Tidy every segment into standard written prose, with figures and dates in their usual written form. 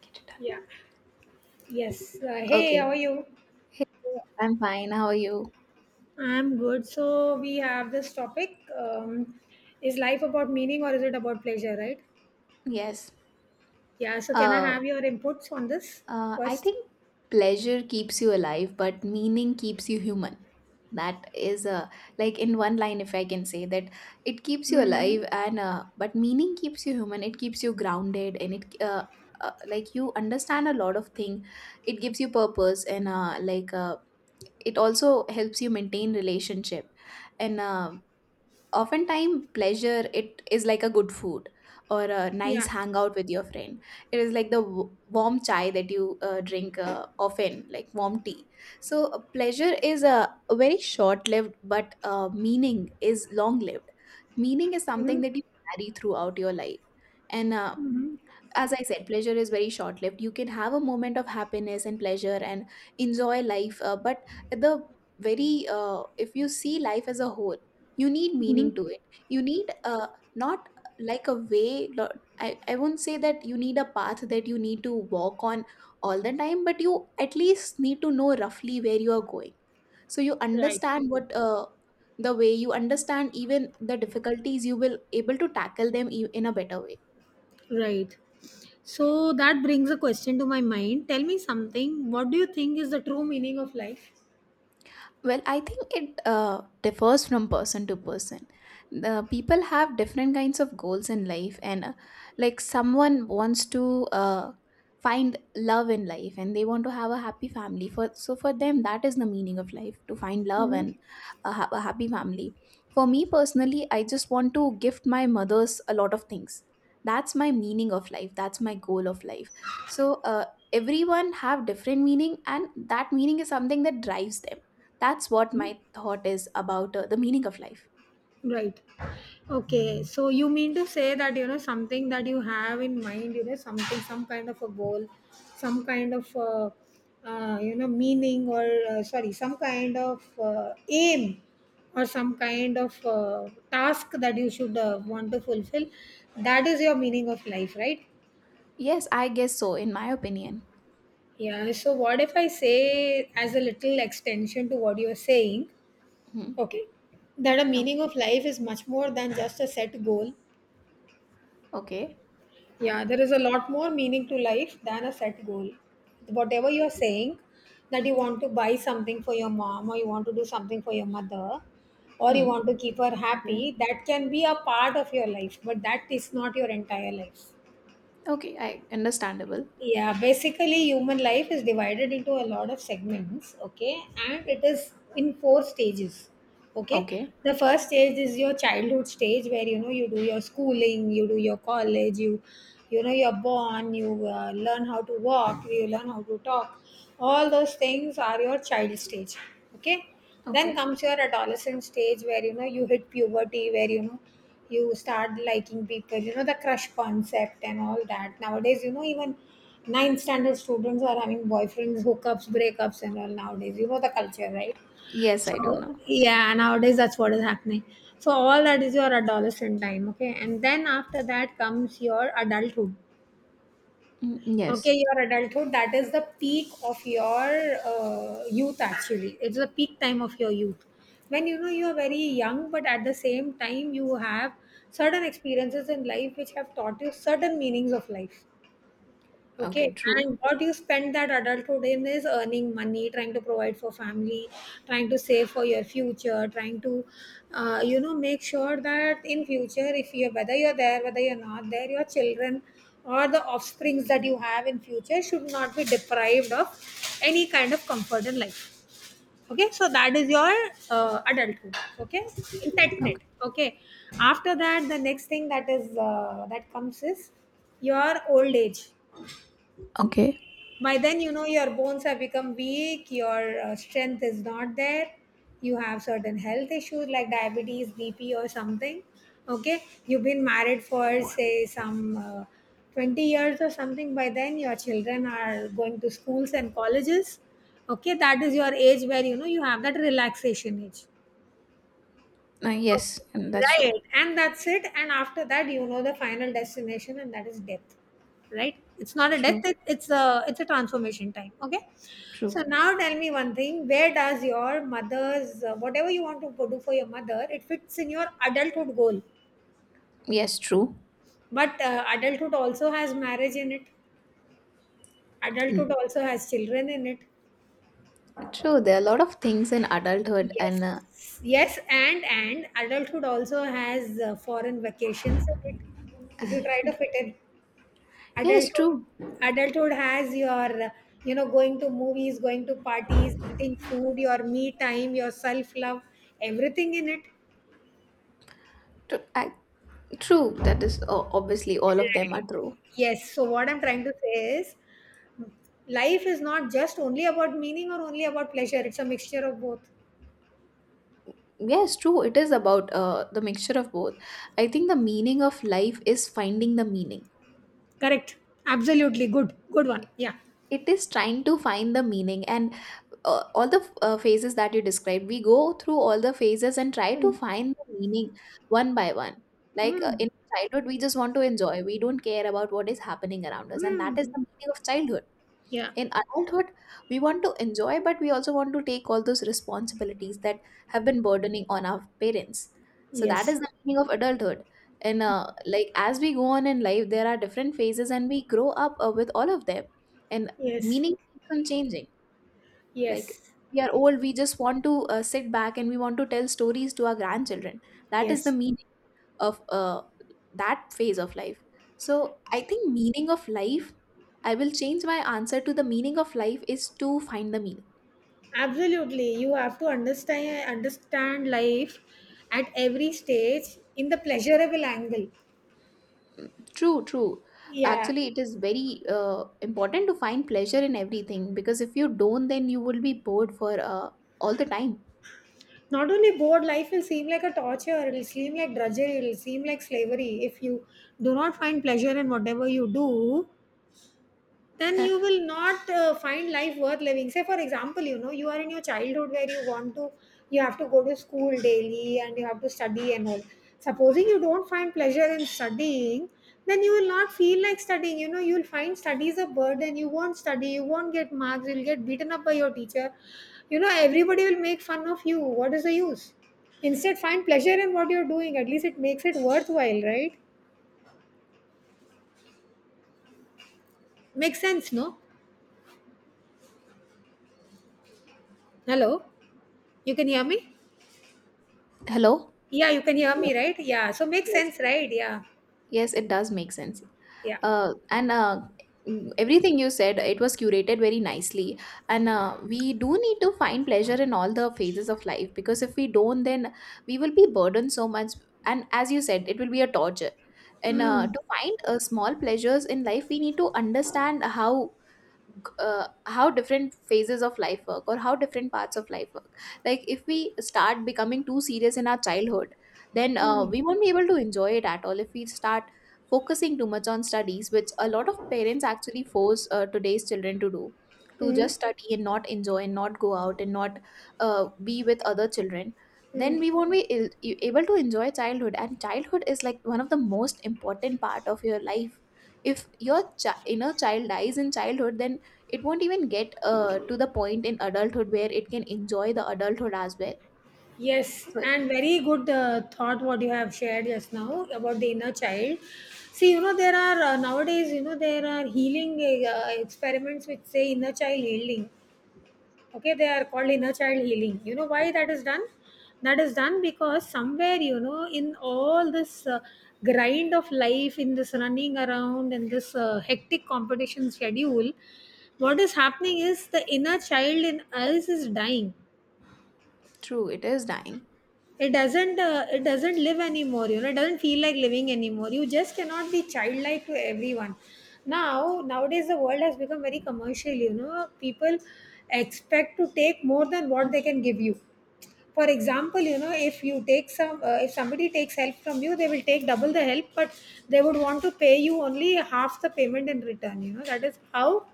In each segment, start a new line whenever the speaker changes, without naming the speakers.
Get it
Yeah. Yes.
done.
Hey,
Okay.
how are you?
Hey, I'm fine. How are you?
I'm good. So we have this topic. Is life about meaning or is it about pleasure, right?
Yes.
Yeah. So can I
Uh,
have your inputs on this
I
1st.
think pleasure keeps you alive, but meaning keeps you human. That is a like in one line, if I can say that, it keeps you
Mm-hmm.
alive, and but meaning keeps you human. It keeps you grounded, and it like you understand a lot of thing. It gives you purpose, and it also helps you maintain relationship and oftentimes pleasure it is like a good food or a nice
Yeah.
hangout with your friend. It is like the warm chai that you drink often, like warm tea. So pleasure is a very short lived, but meaning is long lived. Meaning is something
Hmm.
that you carry throughout your life, and
Hmm.
as I said, pleasure is very short lived. You can have a moment of happiness and pleasure and enjoy life, but the very if you see life as a whole, you need
Hmm.
meaning to it. You need not like a way. I won't say that you need a path that you need to walk on all the time, but you at least need to know roughly where you are going, so you
Right.
understand what. The way you understand, even the difficulties you will able to tackle them in a better way.
Right. So that brings a question to my mind. Tell me something. What do you think is the true meaning of life?
Well, I think it differs from person to person. The people have different kinds of goals in life, and like someone wants to find love in life, and they want to have a happy family. For so for them, that is the meaning of life, to find love
Hmm.
and a happy family. For me personally, I just want to gift my mothers a lot of things. That's my meaning of life. That's my goal of life. So everyone have different meaning, and that meaning is something that drives them. That's what my thought is about the meaning of life.
Right. Okay. So you mean to say that, you know, something that you have in mind, you know, something, some kind of a goal, some kind of, you know, meaning or, sorry, some kind of aim or some kind of task that you should want to fulfill. That is your meaning of life, right?
Yes, I guess so, in my opinion.
Yeah. So what if I say, as a little extension to what you're saying,
Hmm.
okay, that a
Oh,
meaning of life is much more than just a set goal.
okay.
Yeah, there is a lot more meaning to life than a set goal. Whatever you're saying, that you want to buy something for your mom, or you want to do something for your mother, or you
Hmm.
want to keep her
Okay.
happy, that can be a part of your life, but that is not your entire life.
Okay. I understandable.
Yeah, basically human life is divided into a lot of segments, okay, and it is in four stages, okay.
Okay.
The first stage is your childhood stage where, you know, you do your schooling, you do your college, you know you're born, you learn how to walk, you learn how to talk. All those things are your child stage, okay. Then
Okay.
comes your adolescent stage where, you know, you hit puberty, where, you know, you start liking people. You know the crush concept and all that nowadays. You know, even ninth standard students are having boyfriends, hookups, breakups, and all nowadays. You know the culture, right?
Yes, I do
So
know.
yeah, nowadays that's what is happening. So all that is your adolescent time, okay? And then after that comes your adulthood.
Mm, yes.
Okay, your adulthood, that is the peak of your youth actually. It's the peak time of your youth. When you know you are very young, but at the same time, you have certain experiences in life which have taught you certain meanings of life. Okay,
Okay. True.
and what you spend that adulthood in is earning money, trying to provide for family, trying to save for your future, trying to, you know, make sure that in future, if you whether you're there, whether you're not there, your children or the offsprings that you have in future should not be deprived of any kind of comfort in life. Okay, so that is your adulthood. Okay, in that net.
Okay.
Okay, after that, the next thing that comes is your old age.
Okay.
By then you know your bones have become weak, your strength is not there. You have certain health issues like diabetes, bp, or something. Okay, you've been married for say some 20 years or something. By then your children are going to schools and colleges, okay. That is your age where, you know, you have that relaxation age. Okay.
Yes, and that's
Right.
true.
And that's it. And after that, you know, the final destination, and that is death. Right? It's not a death,
True.
it's a transformation time. Okay. So
True.
now tell me one thing. Where does your mother's whatever you want to go do for your mother, it fits in your adulthood goal.
Yes, true.
But adulthood also has marriage in it. Adulthood
Mm,
also has children in it.
true. There are a lot of things in adulthood, and
Yes. Yes, and adulthood also has foreign vacations in it. If you try to fit it
yes,
adulthood
true.
adulthood has your you know going to movies, going to parties, eating food, your me time, your self love, everything in it,
True. I, true. That is obviously all of them are
right?
true.
Yes, so what I'm trying to say is life is not just only about meaning or only about pleasure. It's a mixture of both.
Yes, true. It is about the mixture of both. I think the meaning of life is finding the meaning.
Correct, absolutely, good, good one. Yeah.
It is trying to find the meaning, and all the phases that you described, we go through all the phases and try to
Mm.
find the meaning one by one. Like
Mm.
in childhood, we just want to enjoy. We don't care about what is happening around us, and that is
Mm.
the meaning of childhood.
Yeah,
In adulthood, we want to enjoy, but we also want to take all those responsibilities that have been burdening on our parents. So that
yes,
is the meaning of adulthood. And like as we go on in life, there are different phases and we grow up with all of them, and
yes,
meaning keeps on changing. Like,
yes,
we are old, we just want to sit back and we want to tell stories to our grandchildren. That is the
yes.
meaning of that phase of life. So I think meaning of life, I will change my answer to: the meaning of life is to find the meaning.
Absolutely, you have to understand life at every stage in the pleasurable angle.
True, true.
Yeah,
Actually it is very important to find pleasure in everything, because if you don't, then you will be bored for all the time.
not only bored, life will seem like a torture, it'll seem like drudgery, it'll seem like slavery if you do not find pleasure in whatever you do. Then
Uh,
you will not find life worth living. Say for example, you know, you are in your childhood where you want to you have to go to school daily and you have to study and all. Supposing you don't find pleasure in studying, then you will not feel like studying. You know you will find studies a burden, you won't study, you won't get marks, you'll get beaten up by your teacher. You know everybody will make fun of you. What is the use? Instead find pleasure in what you're doing, at least it makes it worthwhile, right? Makes sense, no? Hello. You can hear me.
hello.
Yeah, you can hear
Hello.
me, right? Yeah. So makes
Yes.
sense, right? Yeah.
Yes, it does make sense.
Yeah.
Uh, and uh, Everything you said, it was curated very nicely. And we do need to find pleasure in all the phases of life, because if we don't, then we will be burdened so much. And as you said, it will be a torture. And
Mm.
to find small pleasures in life, we need to understand how different phases of life work, or how different parts of life work. Like if we start becoming too serious in our childhood, then
Mm.
we won't be able to enjoy it at all. If we start focusing too much on studies, which a lot of parents actually force today's children to do, to
Mm.
just study and not enjoy and not go out and not be with other children, then
Mm.
we won't be able to enjoy childhood. And childhood is like one of the most important part of your life. If your inner child dies in childhood, then it won't even get to the point in adulthood where it can enjoy the adulthood as well.
Yes,
So
and very good thought what you have shared just now about the inner child. See, you know, there are nowadays, you know, there are healing experiments which say inner child healing. Okay, they are called inner child healing. You know why that is done. That is done because somewhere, you know, in all this grind of life, in this running around and this hectic competition schedule, what is happening is the inner child in us is dying.
true, it is dying.
It doesn't it doesn't live anymore, you know, it doesn't feel like living anymore. You just cannot be childlike to everyone. Now, nowadays the world has become very commercial, you know. People expect to take more than what they can give you. For example, you know, if you take some, if somebody takes help from you, they will take double the help, but they would want to pay you only half the payment in return. You know, that is how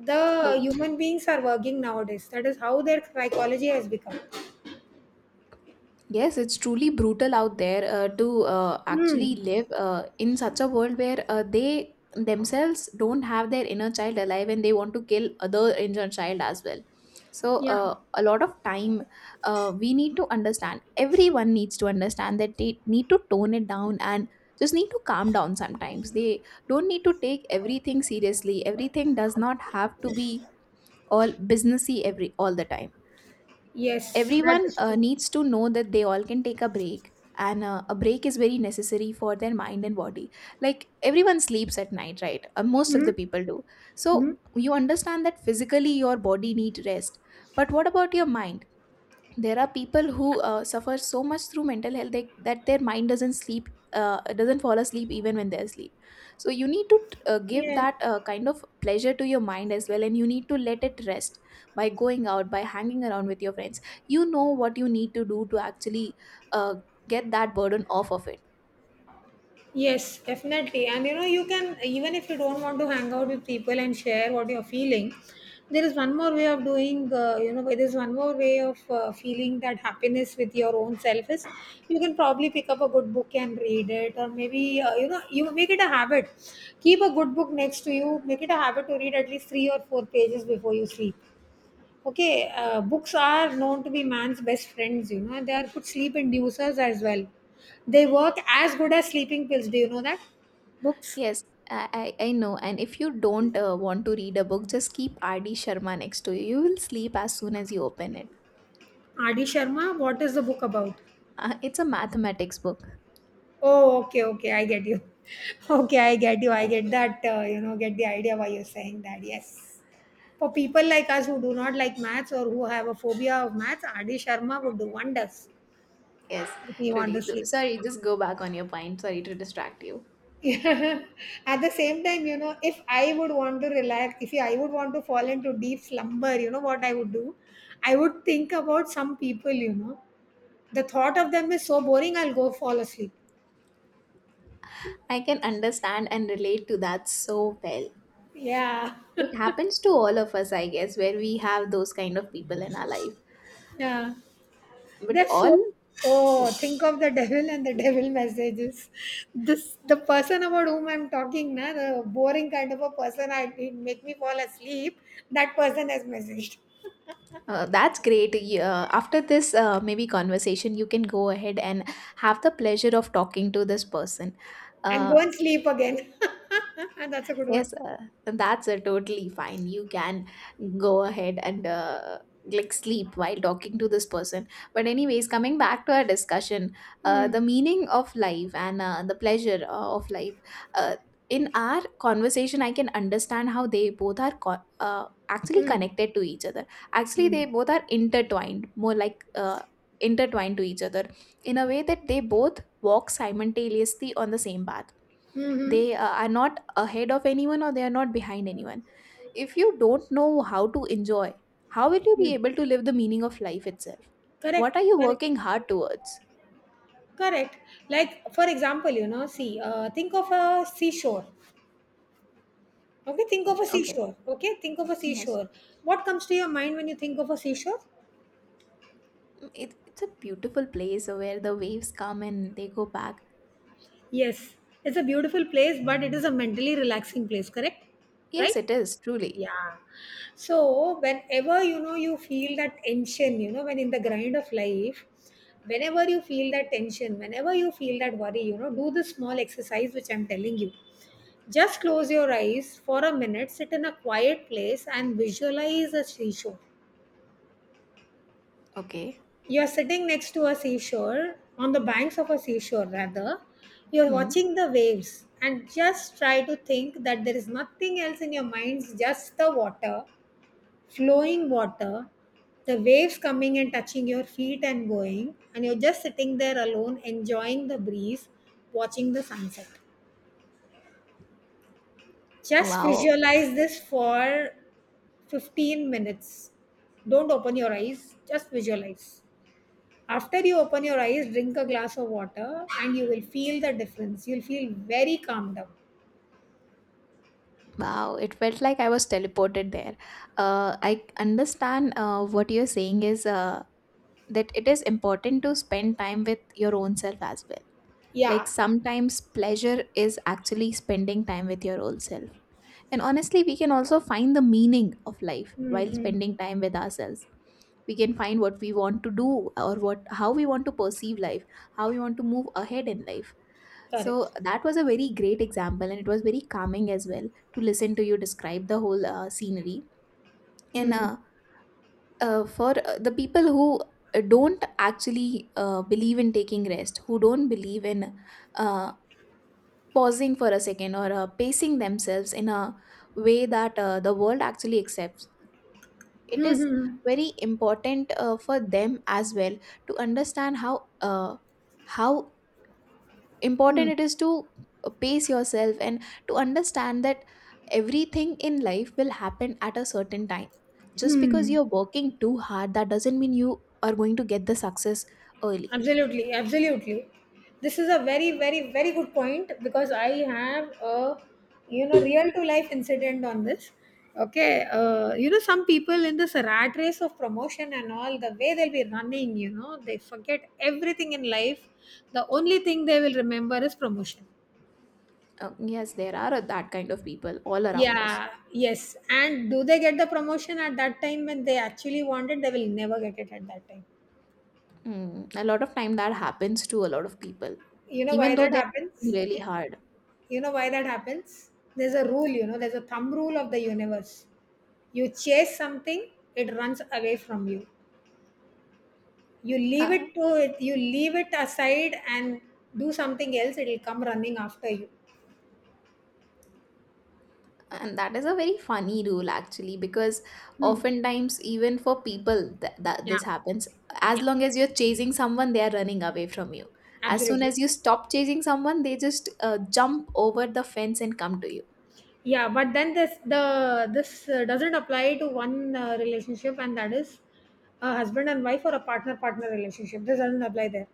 the
The
human beings are working nowadays. That is how their psychology has become.
yes, it's truly brutal out there to
Hmm.
actually live in such a world where they themselves don't have their inner child alive and they want to kill other inner child as well. So,
Yeah.
a lot of time we need to understand, everyone needs to understand that they need to tone it down and just need to calm down sometimes. They don't need to take everything seriously. Everything does not have to be all businessy every all the time.
Yes, that
Everyone
is true.
needs to know that they all can take a break, and a break is very necessary for their mind and body. Like everyone sleeps at night, right? Uh, most of
Hmm.
the people do.
Hmm.
So you understand that physically your body need rest, but what about your mind? There are people who suffer so much through mental health that their mind doesn't sleep, doesn't fall asleep even when they're asleep. So you need to give
Yeah.
that kind of pleasure to your mind as well, and you need to let it rest by going out, by hanging around with your friends. You know what you need to do to actually uh, get that burden off of it.
Yes, definitely. And you know, you can, even if you don't want to hang out with people and share what you're feeling, there is one more way of doing. You know, there's one more way of feeling that happiness with your own self is you can probably pick up a good book and read it, or maybe you know you make it a habit. Keep a good book next to you. Make it a habit to read at least three or four pages before you sleep. Okay, books are known to be man's best friends, you know, they are good sleep inducers as well. They work as good as sleeping pills. Do you know that? Books.
Yes, I know, and if you don't want to read a book, just keep R.D. Sharma next to you. You will sleep as soon as you open it.
Adi Sharma, what is the book about?
It's a mathematics book.
Oh, okay, okay, I get you. Okay, I get you. I get that, you know, get the idea why you're saying that. Yes. For people like us who do not like maths or who have a phobia of maths, Adi Sharma would do wonders
Yes,
if we want
truly.
to sleep.
Sorry, just go back on your point. Sorry to distract you.
Yeah. At the same time, you know, if I would want to relax, if I would want to fall into deep slumber, you know what I would do? I would think about some people, you know. The thought of them is so boring, I'll go fall asleep.
I can understand and relate to that so well.
Yeah.
It happens to all of us, I guess, where we have those kind of people in our life.
Yeah.
But
They're so
all
oh, think of the devil and the devil messages. This the person about whom I'm talking, na, the boring kind of a person I it make me fall asleep. That person has messaged.
that's great. After this, maybe conversation, you can go ahead and have the pleasure of talking to this person.
And go
Uh,
and sleep again. and that's a good one.
Yes, that's totally fine. You can go ahead and like sleep while talking to this person. But anyways, coming back to our discussion,
Mm,
the meaning of life and the pleasure of life. Uh, in our conversation, I can understand how they both are actually
mm,
connected to each other. Actually, they
mm.
both are intertwined, more like intertwined to each other in a way that they both walk simultaneously on the same path.
Mhm.
They are not ahead of anyone, or they are not behind anyone. If you don't know how to enjoy, how will you
Yeah.
be able to live the meaning of life itself? What
Correct,
are you
correct,
working hard towards?
correct. Like, for example, you know, see, think of a seashore. Okay, think of
Mm,
a
okay.
seashore. Okay, think of a
Yes.
seashore. What comes to your mind when you think of a seashore?
Mm, it's a beautiful place where the waves come and they go back.
Yes, it's a beautiful place, but it is a mentally relaxing place, correct?
Yes,
Right?
it is, truly.
Yeah, so whenever, you know, you feel that tension, you know, when in the grind of life, whenever you feel that tension, whenever you feel that worry, you know do this small exercise which I'm telling you. Just close your eyes for a minute, sit in a quiet place, and visualize a seashore.
Okay.
You're sitting next to a seashore, on the banks of a seashore rather, you're
Hmm.
watching the waves and just try to think that there is nothing else in your minds, just the water, flowing water, the waves coming and touching your feet and going, and you're just sitting there alone, enjoying the breeze, watching the sunset. Just
Wow.
visualize this for 15 minutes. Don't open your eyes, just visualize. After you open your eyes, drink a glass of water, and you will feel the difference. You'll feel very calmed down.
Wow, it felt like I was teleported there. Uh, I understand what you're saying is that it is important to spend time with your own self as well. Like
Yeah.
sometimes pleasure is actually spending time with your old self. And honestly, we can also find the meaning of life while
Mm-hmm.
spending time with ourselves. We can find what we want to do, or what how we want to perceive life, how we want to move ahead in life. So
Correct.
that was a very great example, and it was very calming as well to listen to you describe the whole scenery. And
Hmm.
uh, uh, for the people who don't actually believe in taking rest, who don't believe in uh, pausing for a second, or pacing themselves in a way that the world actually accepts. It
Hmm.
is
Hmm.
very important for them as well to understand how important
Hmm.
it is to pace yourself and to understand that everything in life will happen at a certain time. Just because
Hmm.
you're working too hard, that doesn't mean you are going to get the success early.
Absolutely, absolutely. This is a very, very, very good point because I have a real to life incident on this. Okay, you know some people in this rat race of promotion and all the way they'll be running, they forget everything in life. The only thing they will remember is promotion.
Yes, there are that kind of people all around us.
Yeah, yes. And do they get the promotion at that time when they actually want it? They will never get it at that time.
Mm, a lot of time that happens to a lot of people,
You know
even
why
though
that
they're working
happens?
really hard.
You know why that happens? There's a rule, there's a thumb rule of the universe. You chase something, it runs away from you. You leave
Uh,
it to it, you leave it aside and do something else, it'll come running after you.
and that is a very funny rule actually, because
Hmm.
oftentimes even for people that
Yeah.
this happens, as
Yeah.
long as you're chasing someone, they are running away from you. As soon
Absolutely.
as you stop chasing someone, they just jump over the fence and come to you.
Yeah, but then this doesn't apply to one relationship, and that is a husband and wife or a partner relationship. This doesn't apply there.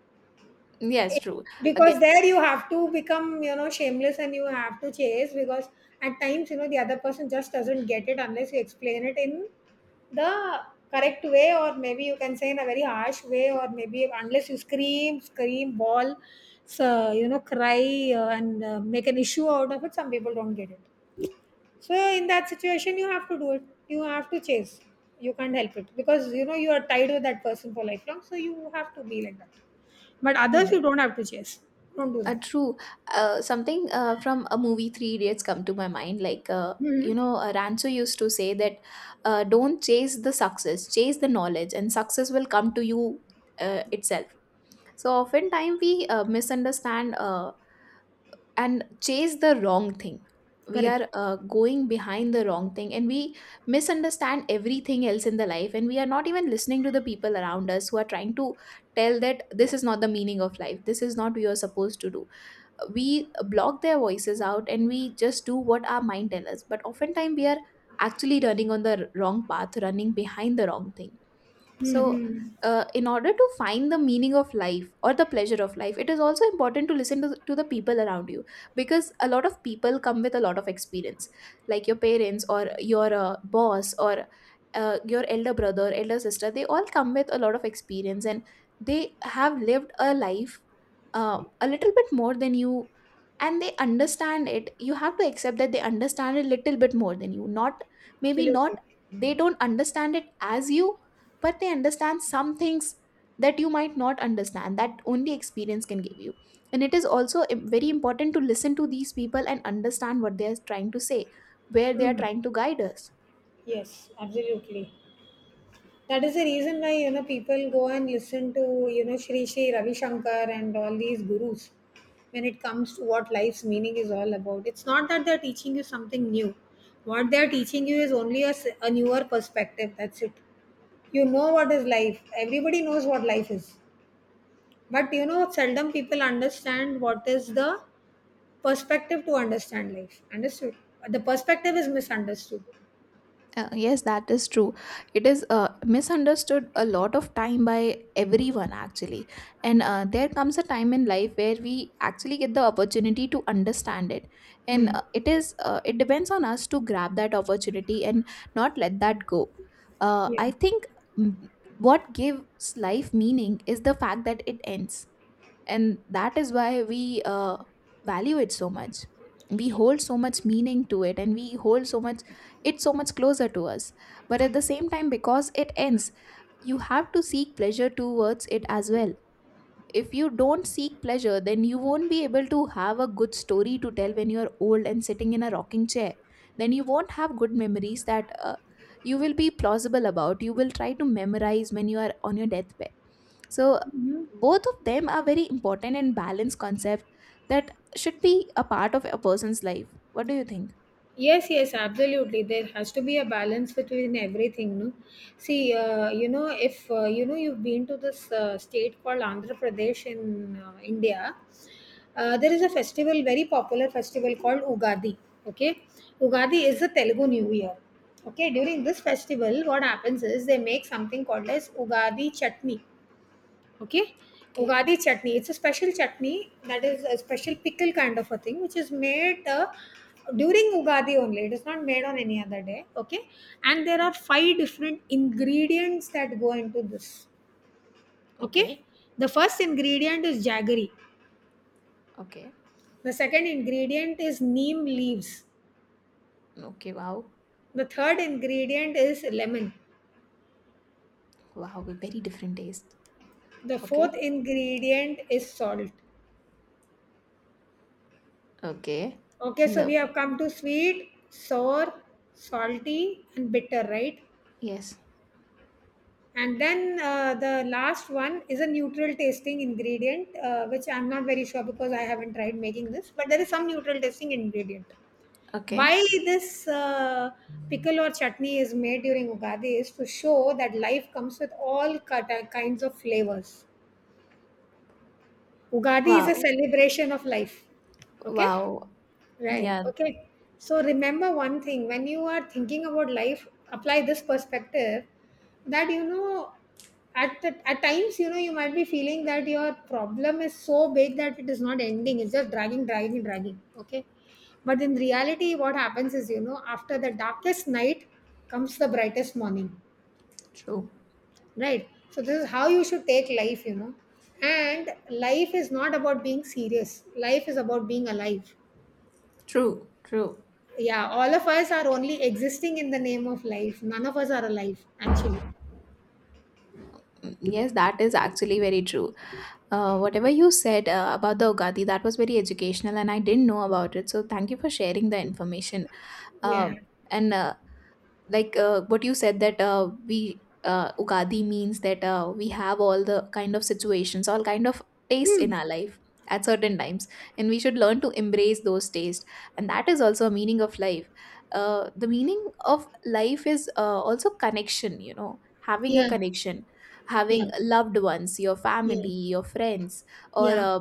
Yes,
it-
true. Again.
because there you have to become you know shameless and you have to chase because at times you know the other person just doesn't get it unless you explain it in the correct way or maybe you can say in a very harsh way or maybe unless you scream ball so you know cry and make an issue out of it some people don't get it so in that situation, you have to do it. You have to chase. You can't help it because you know you are tied with that person for lifelong. So you have to be like that. But others, you don't have to chase. Don't do that.
True. Something from a movie Three Idiots come to my mind.
Hmm.
Rancho used to say that don't chase the success, chase the knowledge, and success will come to you itself. So oftentimes we misunderstand and chase the wrong thing. We
Correct.
are going behind the wrong thing, and we misunderstand everything else in the life, and we are not even listening to the people around us who are trying to tell that this is not the meaning of life. This is not what you are supposed to do. We block their voices out and we just do what our mind tells us, but oftentimes we are actually running on the wrong path, running behind the wrong thing. So
Hmm.
in order to find the meaning of life or the pleasure of life, it is also important to listen to the people around you, because a lot of people come with a lot of experience, like your parents or your boss or your elder brother, elder sister. They all come with a lot of experience and they have lived a life a little bit more than you, and they understand it. You have to accept that they understand it a little bit more than you. Not maybe
Absolutely.
not, they don't understand it as you, but they understand some things that you might not understand, that only experience can give you. And it is also very important to listen to these people and understand what they are trying to say, where they are
Hmm.
trying to guide us.
Yes, absolutely. That is the reason why you know people go and listen to you know Shri Shri Ravi Shankar and all these gurus. When it comes to what life's meaning is all about, it's not that they're teaching you something new. What they're teaching you is only a, a newer perspective. That's it. You know what is life. Everybody knows what life is, but you know seldom people understand what is the perspective to understand life. Understood. The perspective is misunderstood.
Yes, that is true. It is misunderstood a lot of time by everyone, actually. And there comes a time in life where we actually get the opportunity to understand it. And
Mm.
it depends on us to grab that opportunity and not let that go. I think, mm, what gives life meaning is the fact that it ends, and that is why we value it so much. We hold so much meaning to it, and we hold so much, it's so much closer to us. But at the same time, because it ends, you have to seek pleasure towards it as well. If you don't seek pleasure, then you won't be able to have a good story to tell when you're old and sitting in a rocking chair. Then you won't have good memories that you will be plausible about, you will try to memorize when you are on your deathbed. So both of them are very important and balanced concept that should be a part of a person's life. What do you think?
Yes, yes, absolutely. There has to be a balance between everything, no? See, you know, if you know you've been to this state called Andhra Pradesh in India, there is a festival, very popular festival called Ugadi. Okay, Ugadi is the Telugu New Year. Okay, during
Okay,
this festival, what happens is they make something called as Ugadi chutney. Okay.
okay,
Ugadi chutney. It's a special chutney that is a special pickle kind of a thing which is made during Ugadi only. It is not made on any other day. Okay. And there are five different ingredients that go into this. Okay.
okay,
The first ingredient is jaggery.
okay,
The second ingredient is neem leaves.
okay. Wow,
The third ingredient is lemon.
wow, a very different taste.
The
Okay,
fourth ingredient is salt.
okay.
Okay,
In
so we
the,
have come to sweet, sour, salty, and bitter, right?
yes,
And then the last one is a neutral tasting ingredient, which I'm not very sure because I haven't tried making this, but there is some neutral tasting ingredient.
okay.
Why this pickle or chutney is made during Ugadi is to show that life comes with all kinds of flavors. Ugadi is a
Wow,
celebration of life. Okay?
wow.
Right.
Yeah,
Okay. So remember one thing when you are thinking about life, apply this perspective that you know at times you know you might be feeling that your problem is so big that it is not ending. It's just dragging, dragging, dragging. Okay. But in reality, what happens is you know after the darkest night comes the brightest morning.
true,
Right. So this is how you should take life. You know, and life is not about being serious. Life is about being alive.
true, true.
Yeah, all of us are only existing in the name of life. None of us are alive, actually.
Mm, yes, that is actually very true. Whatever you said about the Ugadi, that was very educational, and I didn't know about it. So thank you for sharing the information.
Yeah.
um, and what you said that we Ugadi means that we have all the kind of situations, all kind of tastes
Hmm.
in our life at certain times, and we should learn to embrace those tastes. And that is also a meaning of life. The meaning of life is also connection. You know, having a
Yeah.
connection,
Yeah.
having loved ones, your
Yeah.
family, your friends, or
Yeah.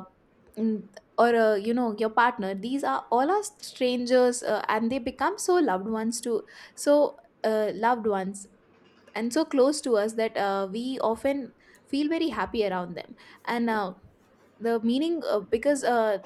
mm, you know, your partner. These are all are strangers and they become so loved ones too. So loved ones and so close to us that we often feel very happy around them. And the meaning because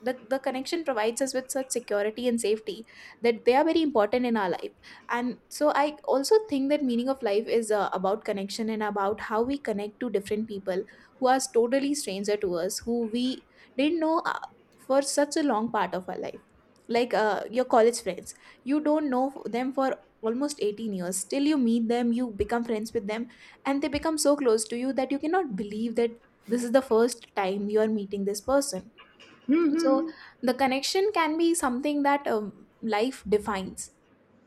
the connection provides us with such security and safety that they are very important in our life. And so I also think that meaning of life is about connection and about how we connect to different people who are totally stranger to us, who we didn't know for such a long part of our life. Like your college friends, you don't know them for almost 18 years, till you meet them, you become friends with them, and they become so close to you that you cannot believe that this is the first time you are meeting this person.
Hmm. Hmm,
So
hmm.
the connection can be something that life defines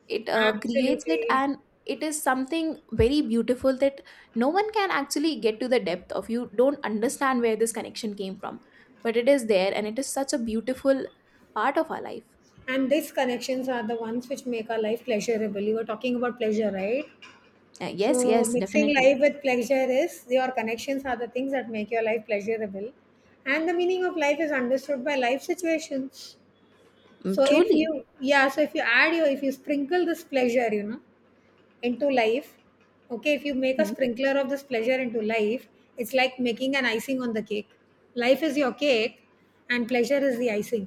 it, creates it.
Absolutely.
And it is something very beautiful that no one can actually get to the depth of. You don't understand where this connection came from, but it is there, and it is such a beautiful part of our life.
And these connections are the ones which make our life pleasurable. You were talking about pleasure, right?
Yes,
So
yes,
mixing life
definitely.
with pleasure is your connections are the things that make your life pleasurable. And the meaning of life is understood by life situations.
Mm,
So if
truly.
you yeah, so if you add your if you sprinkle this pleasure, you know, into life. Okay, if you make a
Hmm.
sprinkler of this pleasure into life, it's like making an icing on the cake. Life is your cake and pleasure is the icing.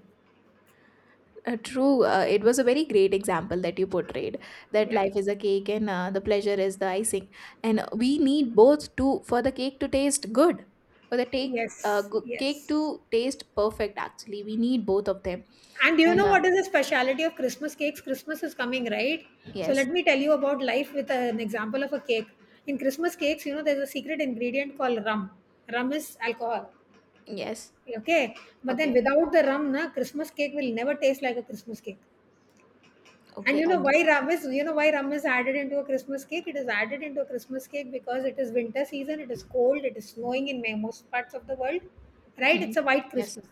True. It was a very great example that you portrayed, that
Yeah.
life is a cake and the pleasure is the icing. And we need both to for the cake to taste good, for the
Yes,
cake
yes,
to taste perfect. Actually, we need both of them.
and do you
And
know what is the speciality of Christmas cakes? Christmas is coming, right? So
yes,
let me tell you about life with an example of a cake. In Christmas cakes, you know there's a secret ingredient called rum. Rum is alcohol.
yes,
Okay, but then
okay,
without the rum na Christmas cake will never taste like a Christmas cake. And
okay.
you
I
know
did.
why rum is you know why rum is added into a Christmas cake? It is added into a Christmas cake because it is winter season, it is cold, it is snowing in most parts of the world, right?
Hmm.
It's a white
Yes,
Christmas.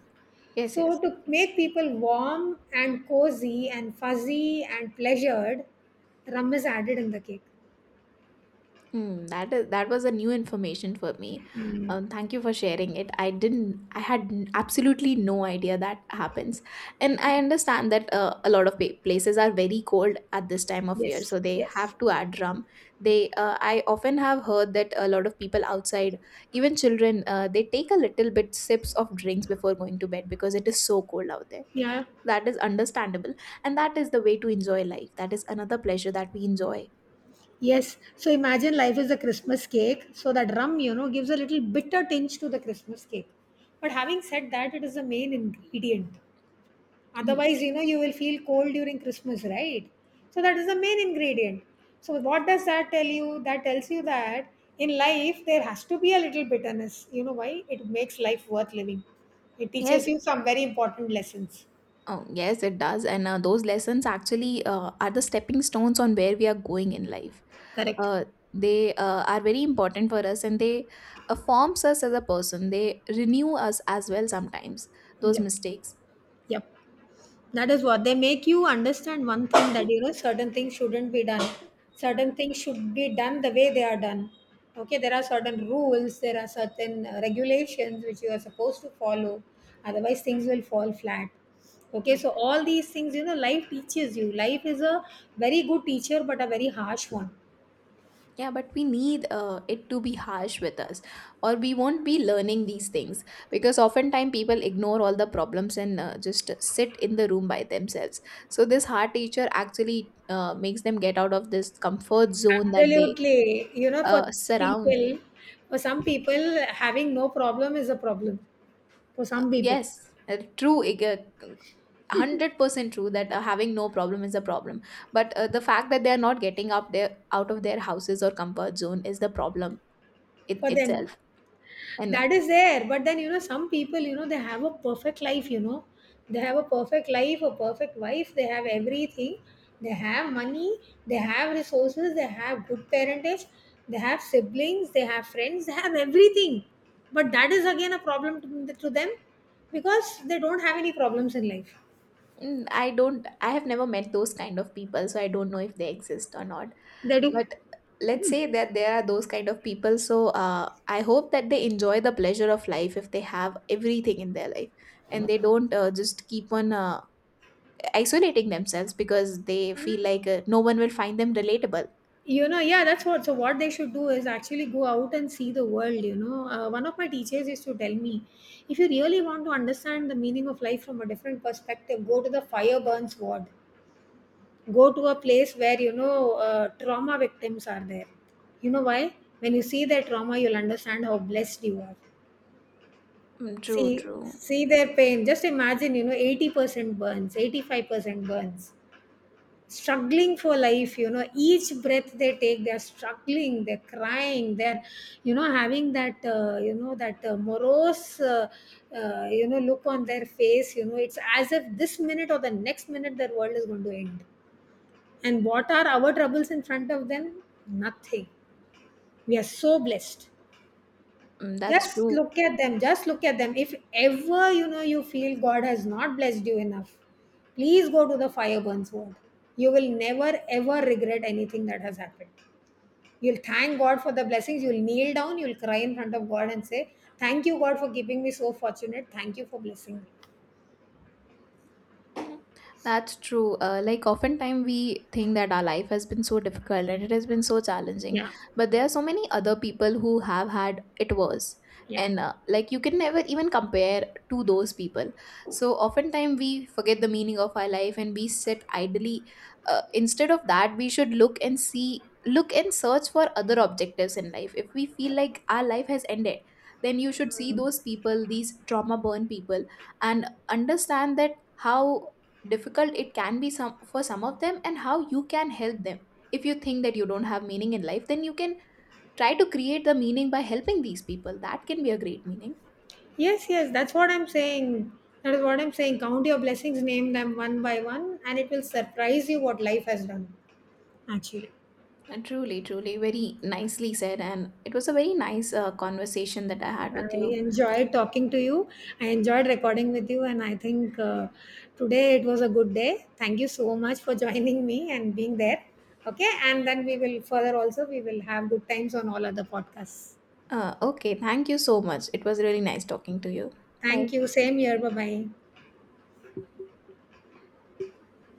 yes,
So
yes.
to make people warm and cozy and fuzzy and pleasured, rum is added in the cake.
Mm, that is that was a new information for me. Thank you for sharing it. I didn't. I had absolutely no idea that happens, and I understand that a lot of places are very cold at this time of year, so they have to add rum. They. I often have heard that a lot of people outside, even children, they take a little bit sips of drinks before going to bed because it is so cold out there.
Yeah.
That is understandable, and that is the way to enjoy life. That is another pleasure that we enjoy.
Yes. So imagine life is a Christmas cake. So that rum, you know, gives a little bitter tinge to the Christmas cake. But having said that, it is the main ingredient.
Mm,
Otherwise, you know you will feel cold during Christmas, right? So that is the main ingredient. So what does that tell you? That tells you that in life there has to be a little bitterness. You know why? It makes life worth living. It teaches
yes.
you some very important lessons.
Oh, yes, it does. And those lessons actually are the stepping stones on where we are going in life.
Correct.
Uh, they are very important for us, and they forms us as a person. They renew us as well sometimes, those
Yep.
mistakes.
Yep. That is what they make you understand, one thing that you know certain things shouldn't be done. Certain things should be done the way they are done. Okay, there are certain rules, there are certain regulations which you are supposed to follow, otherwise, things will fall flat. Okay,
Mm.
so all these things you know, life teaches you. Life is a very good teacher, but a very harsh one.
Yeah, but we need it to be harsh with us, or we won't be learning these things, because oftentimes people ignore all the problems and just sit in the room by themselves. So this hard teacher actually makes them get out of this comfort zone that they
Absolutely, you know, for
surround.
people, for some people, having no problem is a problem. For
Uh,
some people,
yes, 100% true that having no problem is a problem, but the fact that they are not getting up there out of their houses or comfort zone is the problem in
for them.
itself. And
That is there, but then you know some people, you know, they have a perfect life, you know, they have a perfect life, a perfect wife, they have everything, they have money, they have resources, they have good parentage, they have siblings, they have friends, they have everything, but that is again a problem to them because they don't have any problems in life.
mm, I don't, I have never met those kind of people, so I don't know if they exist or not.
They do.
But let's say that there are those kind of people. So I hope that they enjoy the pleasure of life if they have everything in their life, and they don't just keep on isolating themselves because they feel like no one will find them relatable.
You know, yeah, that's what. So, what they should do is actually go out and see the world. You know, one of my teachers used to tell me if you really want to understand the meaning of life from a different perspective, go to the fire burns ward, go to a place where, you know, trauma victims are there. You know why? When you see their trauma, you'll understand how blessed you are.
Mm, true,
See,
true.
see their pain. Just imagine, you know, 80% burns, 85% burns, struggling for life. You know, each breath they take, they're struggling, they're crying, they're you know having that you know that morose you know look on their face. You know, it's as if this minute or the next minute their world is going to end. And what are our troubles in front of them? Nothing. We are so blessed.
Mm, that's
Just
true.
look at them. Just look at them. If ever you know you feel God has not blessed you enough, please go to the fire burns word. You will never ever regret anything that has happened. You'll thank God for the blessings. You'll kneel down. You'll cry in front of God and say, "Thank you, God, for keeping me so fortunate. Thank you for blessing me."
That's true. Like oftentimes we think that our life has been so difficult and it has been so challenging, but there are so many other people who have had it worse, and like you can never even compare to those people. So oftentimes we forget the meaning of our life and we sit idly. Instead of that, we should look and see, look and search for other objectives in life. If we feel like our life has ended, then you should see those people, these trauma burn people, and understand that how difficult it can be some for some of them, and how you can help them. If you think that you don't have meaning in life, then you can try to create the meaning by helping these people. That can be a great meaning.
Yes, yes, that's what I'm saying. That is what I'm saying. Count your blessings, name them one by one, and it will surprise you what life has done. Actually.
And truly, truly very nicely said, and it was a very nice conversation that I had with
I
you.
enjoyed talking to you. I enjoyed recording with you, and I think today it was a good day. Thank you so much for joining me and being there. Okay, and then we will further also we will have good times on all other podcasts.
Uh, okay, thank you so much. It was really nice talking to you. Bye.
Thank you. Same here. Bye bye.